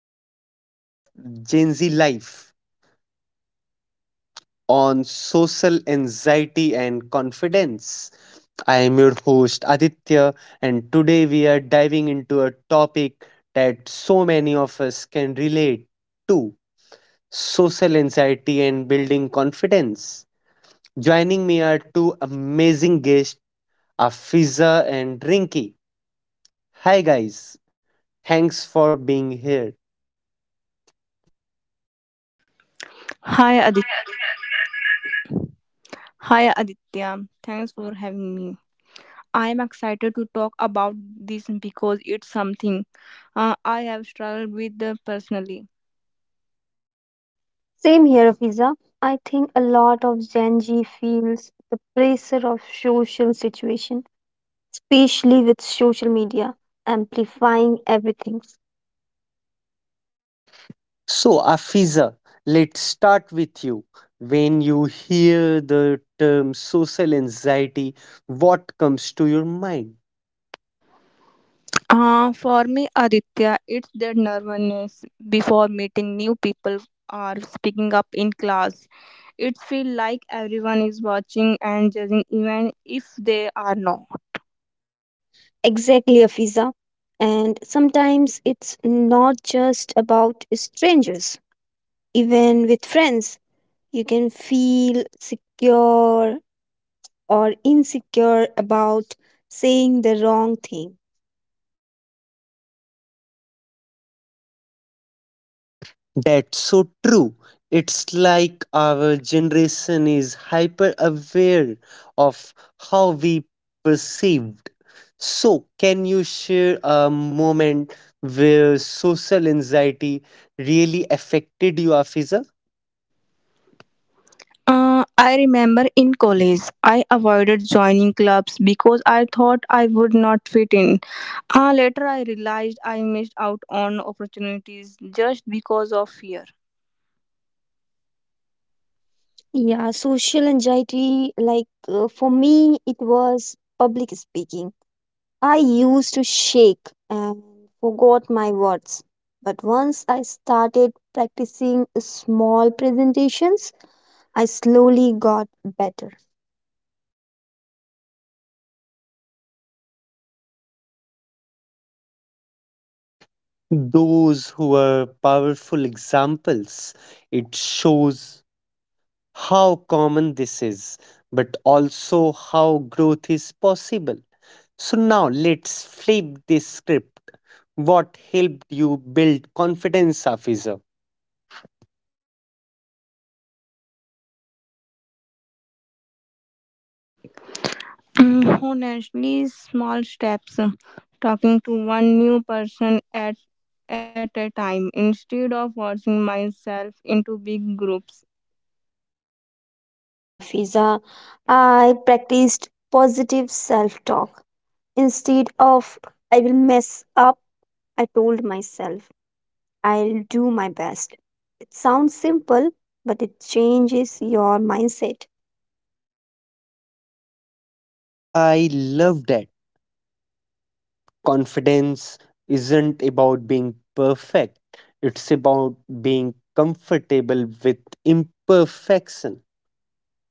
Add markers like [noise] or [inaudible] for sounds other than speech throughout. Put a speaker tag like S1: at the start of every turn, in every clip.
S1: podcast of Gen Z Life on social anxiety and confidence. I am your host Aditya, and today we are diving into a topic that so many of us can relate to social anxiety and building confidence. Joining me are two amazing guests, Afiza and Rinki. Hi, guys. Thanks for being here.
S2: Hi Adit Hi Aditya. Thanks for having me. I am excited to talk about this because it's something I have struggled with personally.
S3: Same here, Fiza. I think a lot of Gen Z feels the pressure of social situation, especially with social media amplifying everything.
S1: So, Afiza, let's start with you. When you hear the term social anxiety, what comes to your mind?
S2: For me, Aditya, it's the nervousness before meeting new people or speaking up in class. It feels like everyone is watching and judging, even if they are not.
S3: Exactly, Afiza. And sometimes it's not just about strangers. Even with friends, you can feel secure or insecure about saying the wrong thing.
S1: That's so true. It's like our generation is hyper aware of how we perceived. So, can you share a moment where social anxiety really affected you, Afiza?
S2: I remember in college, I avoided joining clubs because I thought I would not fit in. Later, I realized I missed out on opportunities just because of fear.
S3: Yeah, social anxiety, like for me, it was public speaking. I used to shake and forgot my words. But once I started practicing small presentations, I slowly got better.
S1: Those who are powerful examples. It shows how common this is, but also how growth is possible. So now let's flip this script. What helped you build confidence, Afisa?
S2: Mm, honestly, small steps, talking to one new person at a time instead of forcing myself into big groups.
S3: Yeah, Fiza, I practiced positive self talk. Instead of I will mess up, I told myself I'll do my best. It sounds simple, but it changes your mindset.
S1: I love that. Confidence isn't about being perfect, it's about being comfortable with imperfection.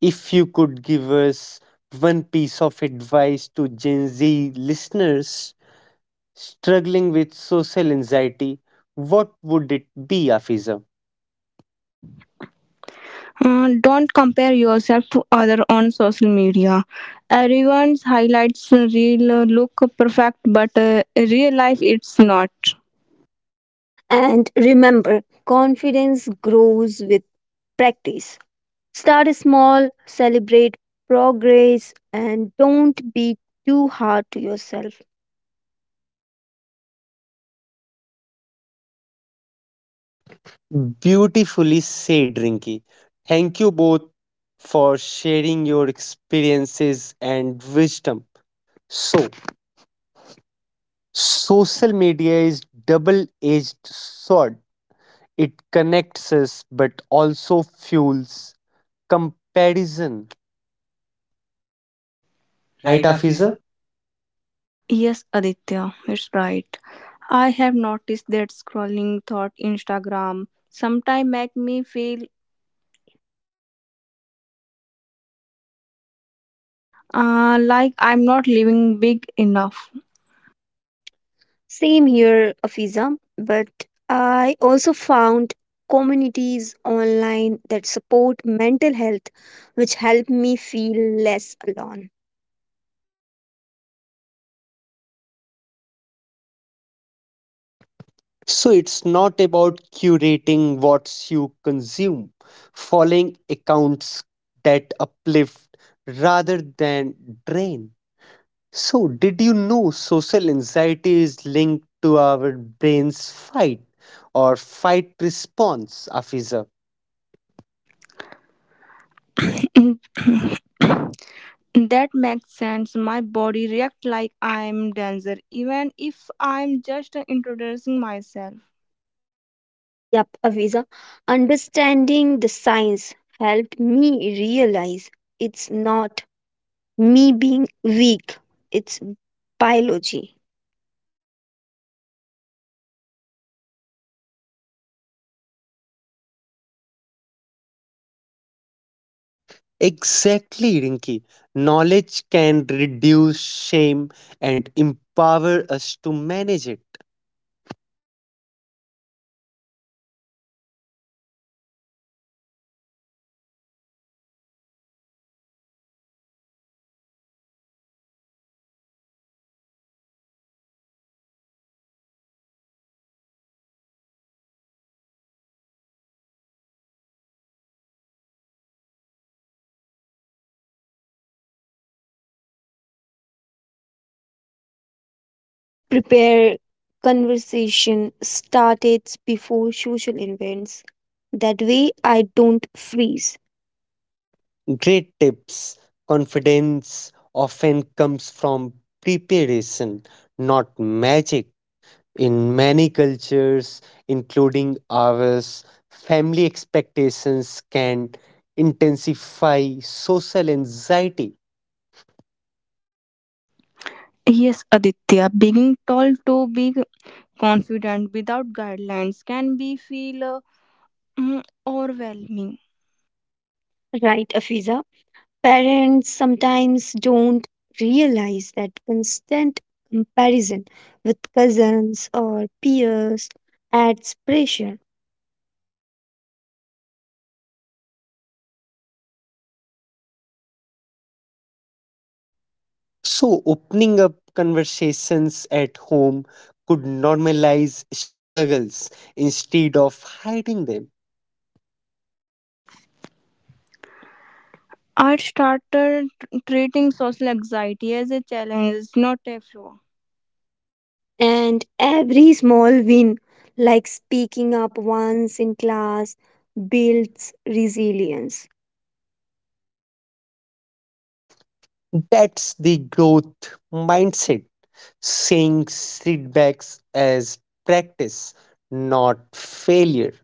S1: If you could give us one piece of advice to Gen Z listeners struggling with social anxiety, what would it be, Afiza?
S2: Don't compare yourself to other on social media. Everyone's highlights real look perfect, but real life it's not.
S3: And remember, confidence grows with practice. Start small, celebrate progress, and don't be too hard to yourself.
S1: Beautifully said, Rinki. Thank you both for sharing your experiences and wisdom. So, social media is double-edged sword. It connects us but also fuels comparison, right,
S2: Right,
S1: Afiza?
S2: Afiza? Yes, Aditya, it's right. I have noticed that scrolling thought Instagram sometimes make me feel like I'm not living big enough.
S3: Same here, Afiza, but I also found communities online that support mental health, which help me feel less alone.
S1: So it's not about curating what you consume, following accounts that uplift rather than drain. So, did you know social anxiety is linked to our brain's fight or fight response, Afiza?
S2: [coughs] That makes sense. My body react like I'm dancer, even if I'm just introducing myself.
S3: Yep, Afiza, understanding the science helped me realize it's not me being weak, it's biology.
S1: Exactly, Rinki. Knowledge can reduce shame and empower us to manage it.
S3: I prepare conversation starters before social events. That way I don't freeze.
S1: Great tips. Confidence often comes from preparation, not magic. In many cultures, including ours, family expectations can intensify social anxiety.
S2: Yes, Aditya, being told to be confident without guidelines can be feel overwhelming.
S3: Right, Afiza? Parents sometimes don't realize that constant comparison with cousins or peers adds pressure.
S1: So, opening up conversations at home could normalize struggles instead of hiding them.
S2: I started treating social anxiety as a challenge, not a flaw.
S3: And every small win, like speaking up once in class, builds resilience.
S1: That's the growth mindset, seeing setbacks as practice, not failure.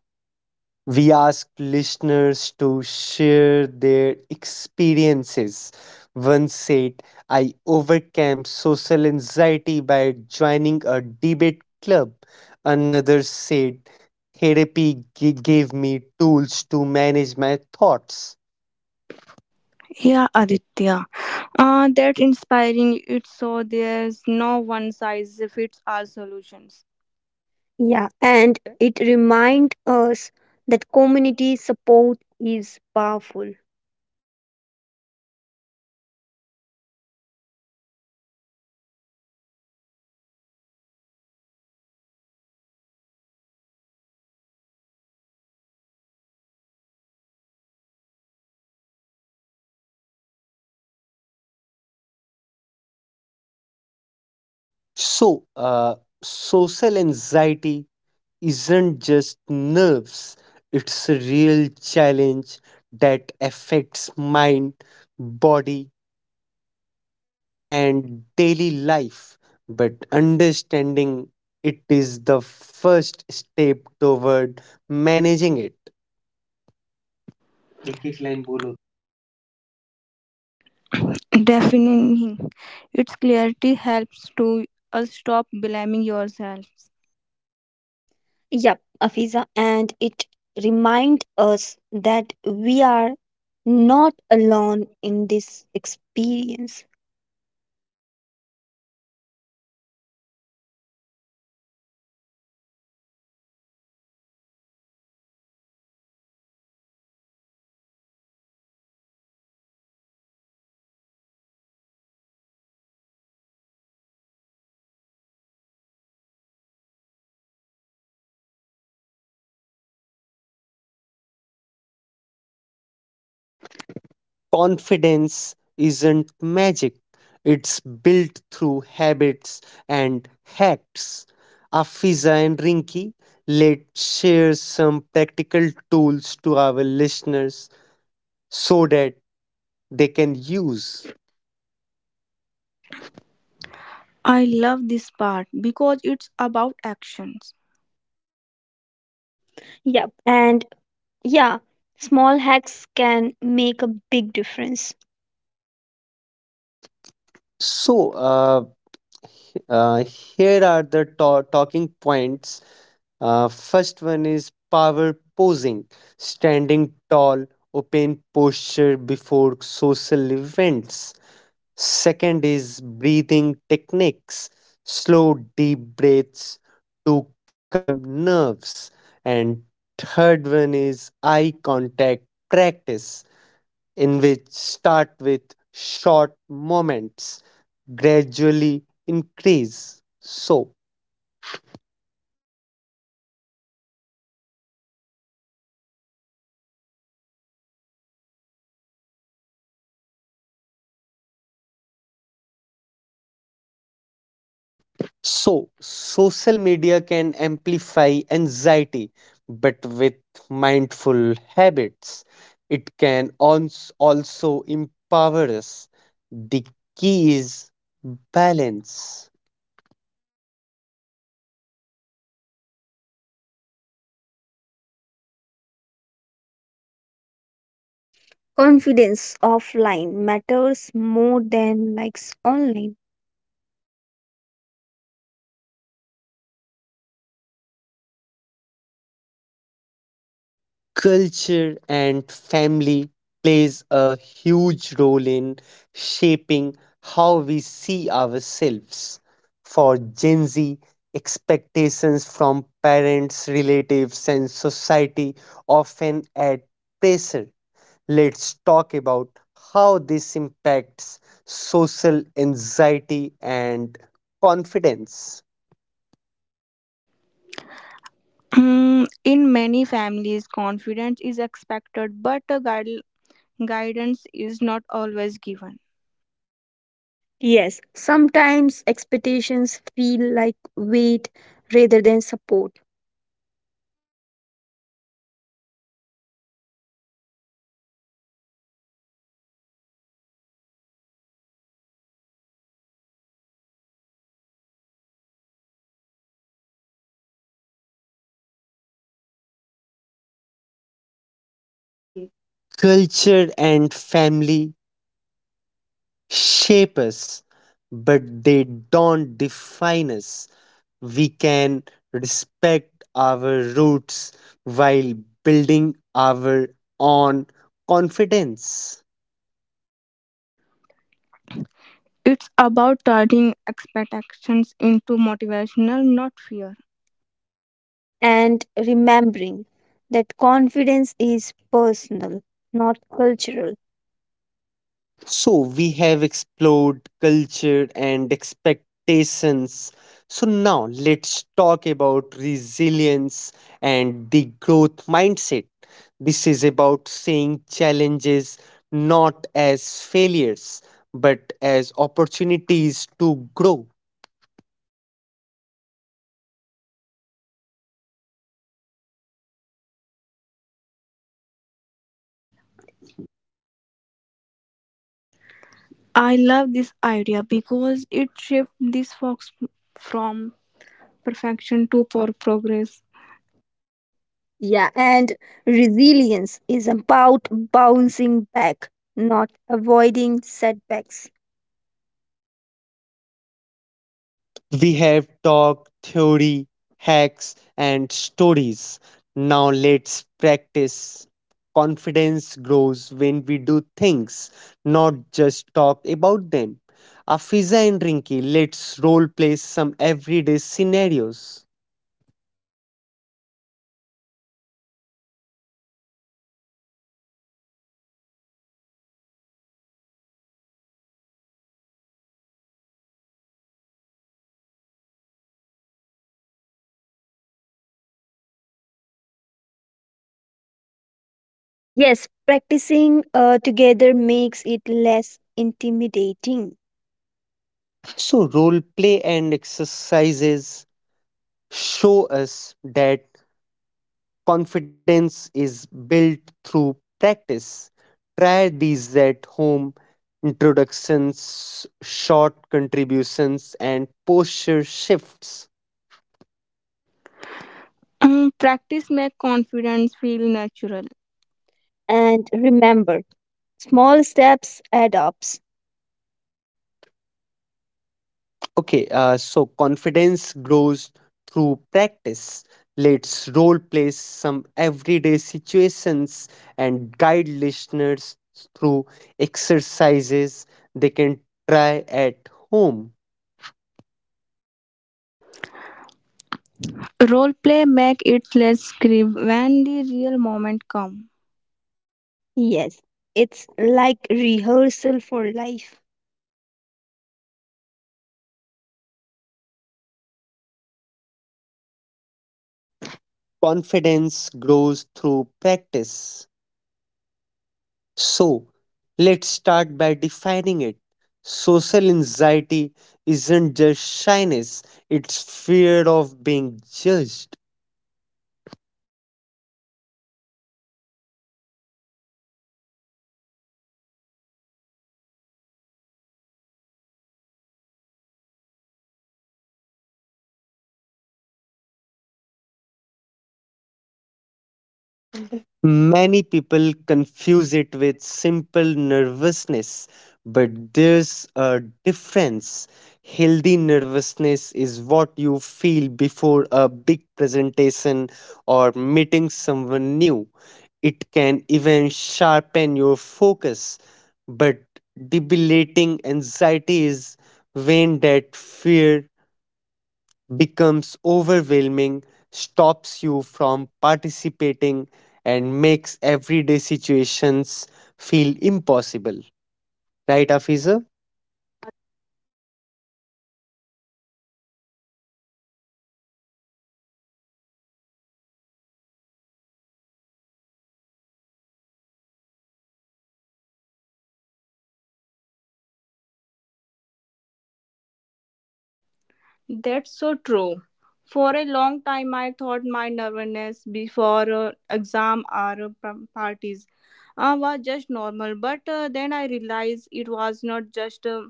S1: We ask listeners to share their experiences. One said, I overcame social anxiety by joining a debate club. Another said, therapy gave me tools to manage my thoughts.
S2: Yeah, Aditya, that inspiring. It's so there's no one size fits all solutions.
S3: Yeah, and it reminds us that community support is powerful.
S1: So, social anxiety isn't just nerves, it's a real challenge that affects mind, body, and daily life. But understanding it is the first step toward managing it.
S2: एक-एक line बोलो. Defining its clarity helps to us stop blaming yourself.
S3: Yep, Afiza, and it reminds us that we are not alone in this experience.
S1: Confidence isn't magic, it's built through habits and hacks. Afiza and Rinki, let's share some practical tools to our listeners so that they can use.
S2: I love this part because it's about actions.
S3: Yep, and yeah, small hacks can make a big difference.
S1: So, here are the talking points. First one is power posing, standing tall, open posture before social events. Second is breathing techniques, slow, deep breaths to calm nerves. And third one is eye contact practice in which start with short moments, gradually increase. So, social media can amplify anxiety, but with mindful habits, it can also empower us. The key is balance.
S3: Confidence offline matters more than likes online.
S1: Culture and family plays a huge role in shaping how we see ourselves. For Gen Z, expectations from parents, relatives, and society often add pressure. Let's talk about how this impacts social anxiety and confidence.
S2: Mm, in many families, confidence is expected, but a guidance is not always given.
S3: Yes, sometimes expectations feel like weight rather than support,
S1: नहीं बोला ये. Culture and family shape us, but they don't define us. We can respect our roots while building our own confidence.
S2: It's about turning expectations into motivational, not fear.
S3: and remembering that confidence is personal, not cultural.
S1: So we have explored culture and expectations. So now let's talk about resilience and the growth mindset. This is about seeing challenges not as failures but as opportunities to grow.
S2: I love this idea because it shifts this fox from perfection to for progress.
S3: Yeah, and resilience is about bouncing back, not avoiding setbacks.
S1: We have talked theory, hacks, and stories. Now let's practice. Confidence grows when we do things, not just talk about them. Afiza and Rinki, let's role play some everyday scenarios.
S3: Yes, practicing together makes it less intimidating.
S1: So, role play and exercises show us that confidence is built through practice. Try these at home introductions, short contributions, and posture shifts.
S2: Mm, practice make confidence feel natural.
S3: And remember, small steps add up.
S1: Okay, so confidence grows through practice. Let's role play some everyday situations and guide listeners through exercises they can try at home.
S2: Role play make it less scripted when the real moment comes.
S3: Yes, it's like rehearsal for life.
S1: Confidence grows through practice. So, let's start by defining it. Social anxiety isn't just shyness, it's fear of being judged. Many people confuse it with simple nervousness, but there's a difference. Healthy nervousness is what you feel before a big presentation or meeting someone new. It can even sharpen your focus, but debilitating anxiety is when that fear becomes overwhelming, stops you from participating, and makes everyday situations feel impossible. Right, Afiza?
S2: That's so true. For a long time, I thought my nervousness before exam or parties was just normal. But then I realized it was not just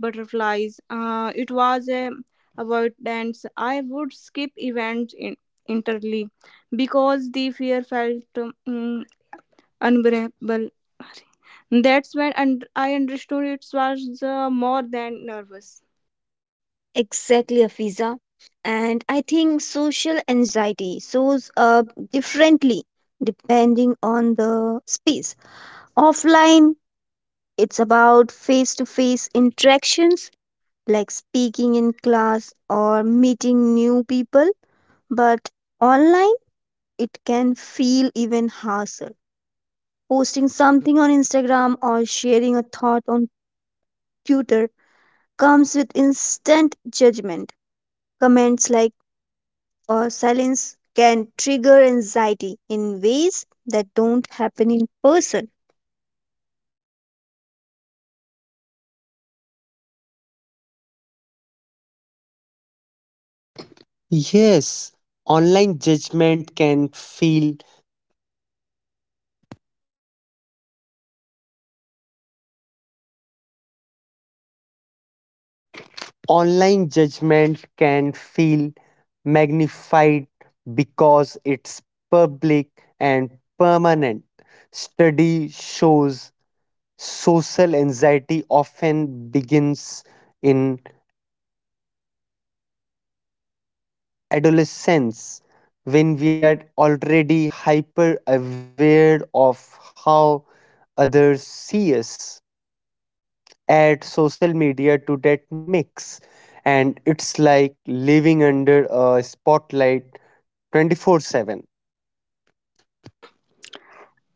S2: butterflies. It was a avoidance. I would skip events in, entirely because the fear felt um, unbearable. That's when and I understood it was more than nervous.
S3: Exactly, Afiza. And I think social anxiety shows up differently depending on the space. Offline, it's about face to face interactions like speaking in class or meeting new people, but online, it can feel even harsher. Posting something on Instagram or sharing a thought on Twitter comes with instant judgment. Comments like or silence can trigger anxiety in ways that don't happen in person.
S1: Yes, online judgment can feel online judgment can feel magnified because it's public and permanent. Study shows social anxiety often begins in adolescence when we are already hyper aware of how others see us add social media to that mix and it's like living under a spotlight 24/7.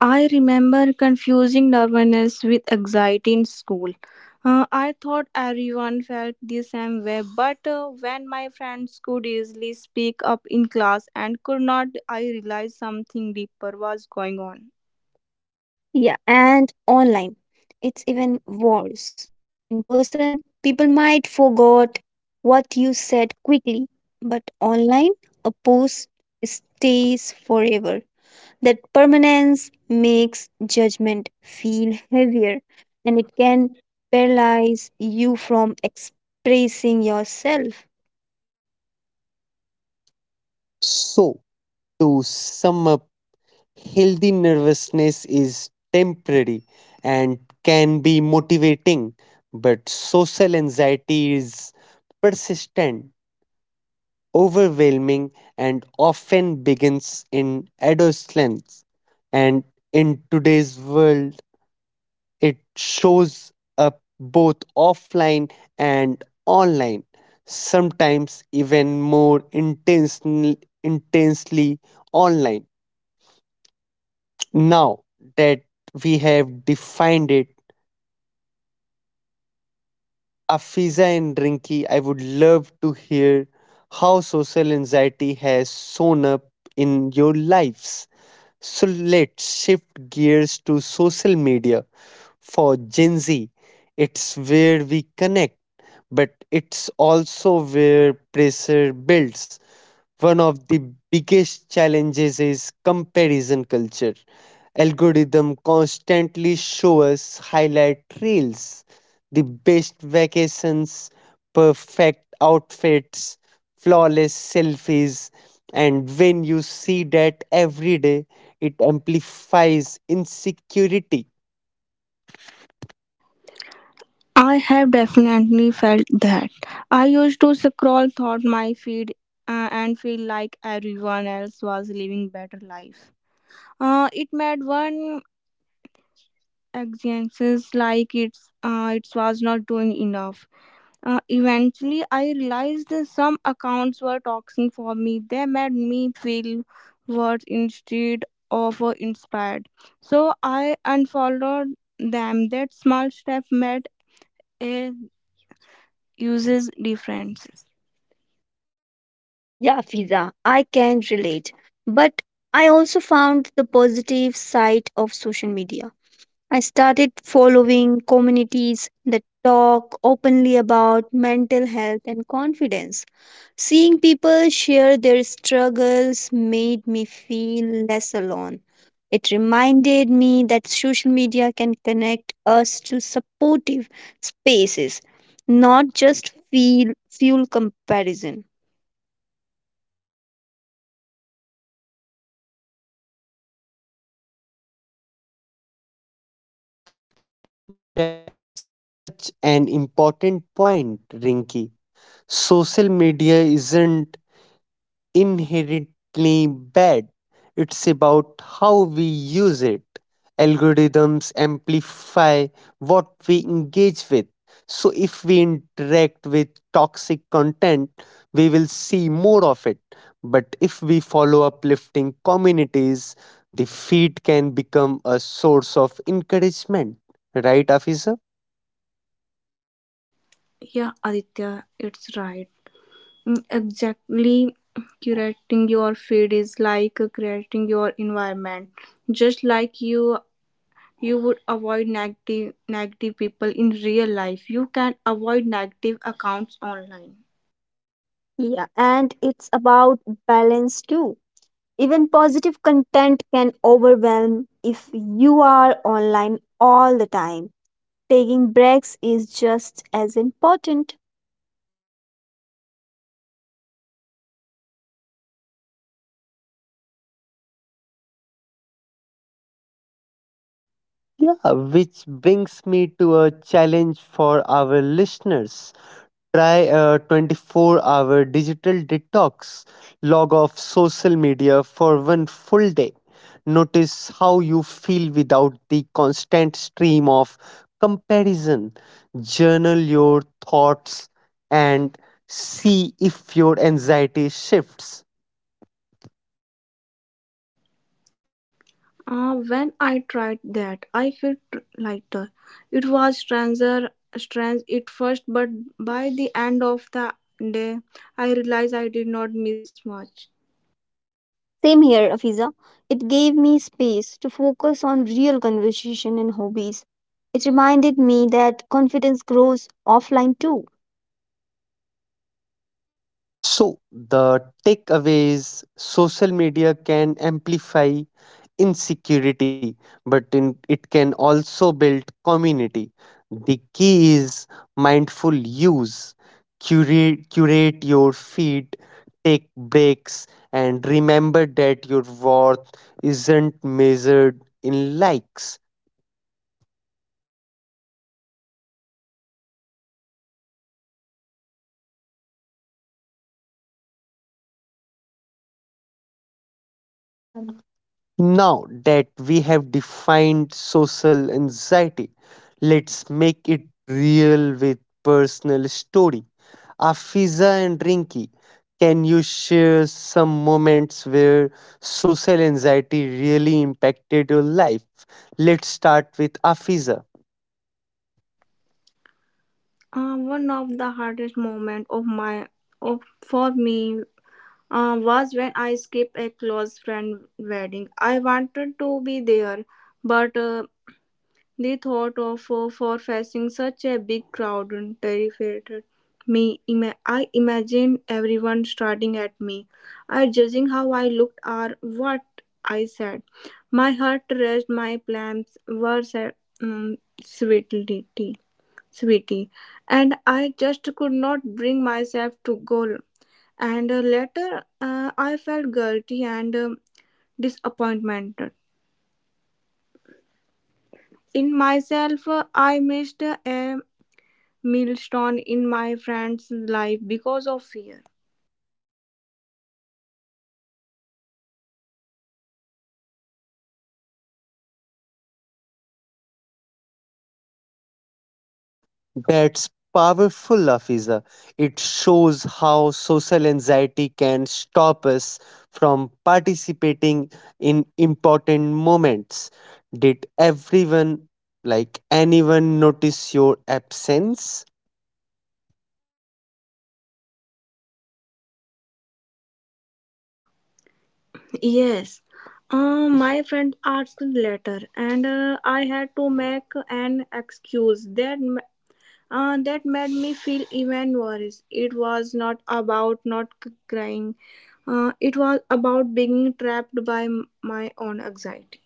S2: I remember confusing nervousness with anxiety in school. I thought everyone felt the same way, but when my friends could easily speak up in class and could not, I realized something deeper was going on.
S3: Yeah, and online, it's even worse. In person, people might forget what you said quickly, but online, a post stays forever. That permanence makes judgment feel heavier, and it can paralyze you from expressing yourself.
S1: So to sum up, healthy nervousness is temporary and can be motivating but social anxiety is persistent, overwhelming, and often begins in adolescence. And in today's world, it shows up both offline and online, sometimes even more intensely online. Now that we have defined it, Afiza and Rinky, I would love to hear how social anxiety has shown up in your lives. So let's shift gears to social media. For Gen Z, it's where we connect, but it's also where pressure builds. One of the biggest challenges is comparison culture. Algorithm constantly show us highlight reels the best vacations, perfect outfits, flawless selfies, and when you see that every day, it amplifies insecurity.
S2: I have definitely felt that. I used to scroll through my feed and feel like everyone else was living better life. It made one anxious like it's it was not doing enough. Eventually, I realized that some accounts were toxic for me. They made me feel worse instead of inspired. So I unfollowed them. That small step made a uses differences.
S3: Yeah, Fiza, I can relate. But I also found the positive side of social media. I started following communities that talk openly about mental health and confidence. Seeing people share their struggles made me feel less alone. It reminded me that social media can connect us to supportive spaces, not just feel fuel comparison.
S1: That's an important point, Rinky. Social media isn't inherently bad. It's about how we use it. Algorithms amplify what we engage with. So, if we interact with toxic content, we will see more of it. But if we follow uplifting communities, the feed can become a source of encouragement. Right, Afisa?
S2: Yeah, Aditya, it's right. Mm, exactly. Curating your feed is like creating your environment. Just like you would avoid negative people in real life, you can avoid negative accounts online.
S3: Yeah, and it's about balance too. Even positive content can overwhelm if you are online all the time. Taking breaks is just as important.
S1: Yeah, which brings me to a challenge for our listeners. Try a 24-hour digital detox, log off social media for one full day. Notice how you feel without the constant stream of comparison. Journal your thoughts and see if your anxiety shifts.
S2: When I tried that, I felt lighter. It was strange at first, but by the end of the day, I realized I did not miss much.
S3: Same here, Afiza. It gave me space to focus on real conversation and hobbies. It reminded me that confidence grows offline too.
S1: So, the takeaways social media can amplify insecurity, but in, it can also build community. The key is mindful use, curate your feed, take breaks, and remember that your worth isn't measured in likes. Now that we have defined social anxiety, let's make it real with personal story. Afiza and Rinki, can you share some moments where social anxiety really impacted your life? Let's start with Afiza.
S2: One of the hardest moments of my of for me was when I skipped a close friend wedding. I wanted to be there, but the thought of for facing such a big crowd terrified me. I imagined everyone staring at me, I judging how I looked or what I said. My heart raced. My plans were set, um, sweetly, sweetie, and I just could not bring myself to go and later I felt guilty and disappointed in myself. Uh, I missed a milestone in my friend's life because of fear.
S1: That's powerful, Afiza. It shows how social anxiety can stop us from participating in important moments. Did everyone, like anyone, notice your absence?
S2: Yes, my friend asked later, and I had to make an excuse that made me feel even worse. It was not about not crying. It was about being trapped by my own anxiety.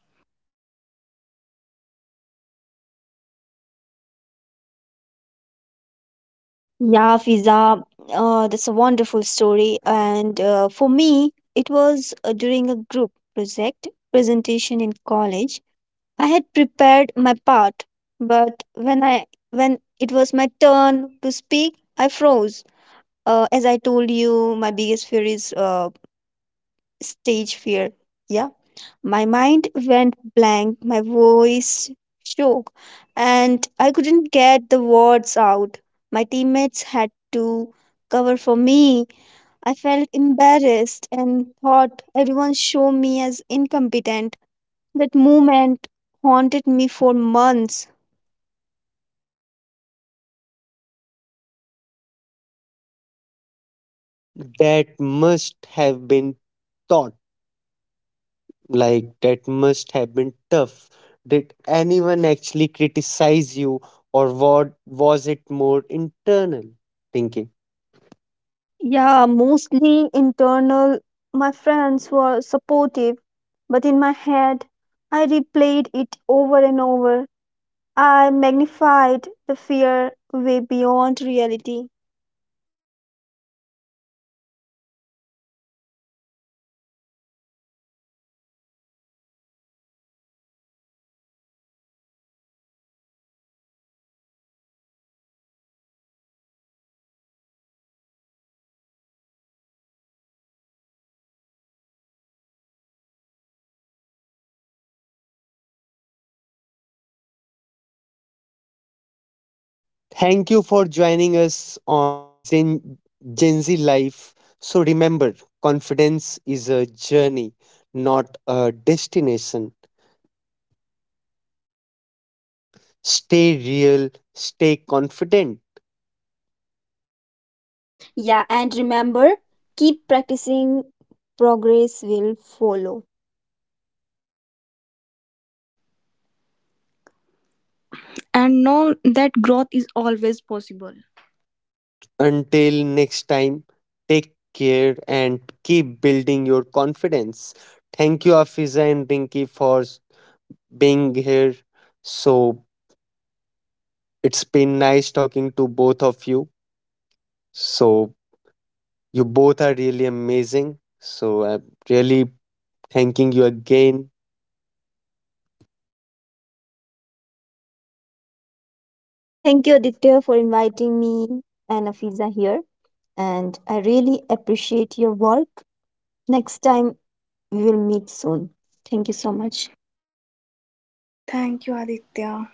S3: Yeah, Fiza, that's a wonderful story. And for me, it was during a group project presentation in college. I had prepared my part, but when it was my turn to speak, I froze. As I told you, my biggest fear is stage fear. Yeah, my mind went blank, my voice shook, and I couldn't get the words out. My teammates had to cover for me. I felt embarrassed and thought everyone saw me as incompetent. That moment haunted me for months.
S1: That must have been thought, like, that must have been tough. Did anyone actually criticize you, or what was it more internal thinking?
S3: Yeah, mostly internal. My friends were supportive, but in my head, I replayed it over and over. I magnified the fear way beyond reality.
S1: Thank you for joining us on Gen Z Life. So remember, confidence is a journey, not a destination. Stay real, stay confident.
S3: Yeah,
S2: Yeah, and
S3: and remember,
S2: remember,
S3: keep
S2: keep practicing
S3: practicing, progress will follow.
S2: and know that growth is always possible.
S1: Until next time, take care and keep building your confidence. Thank you, Afiza and Rinki, for being here. So it's been nice talking to both of you. So you both are really amazing. So I'm really Thanking you again
S3: Thank you, Aditya, for inviting me and Afiza here. And I really appreciate your work. Next time, we will meet soon. Thank you so much.
S2: Thank you, Aditya.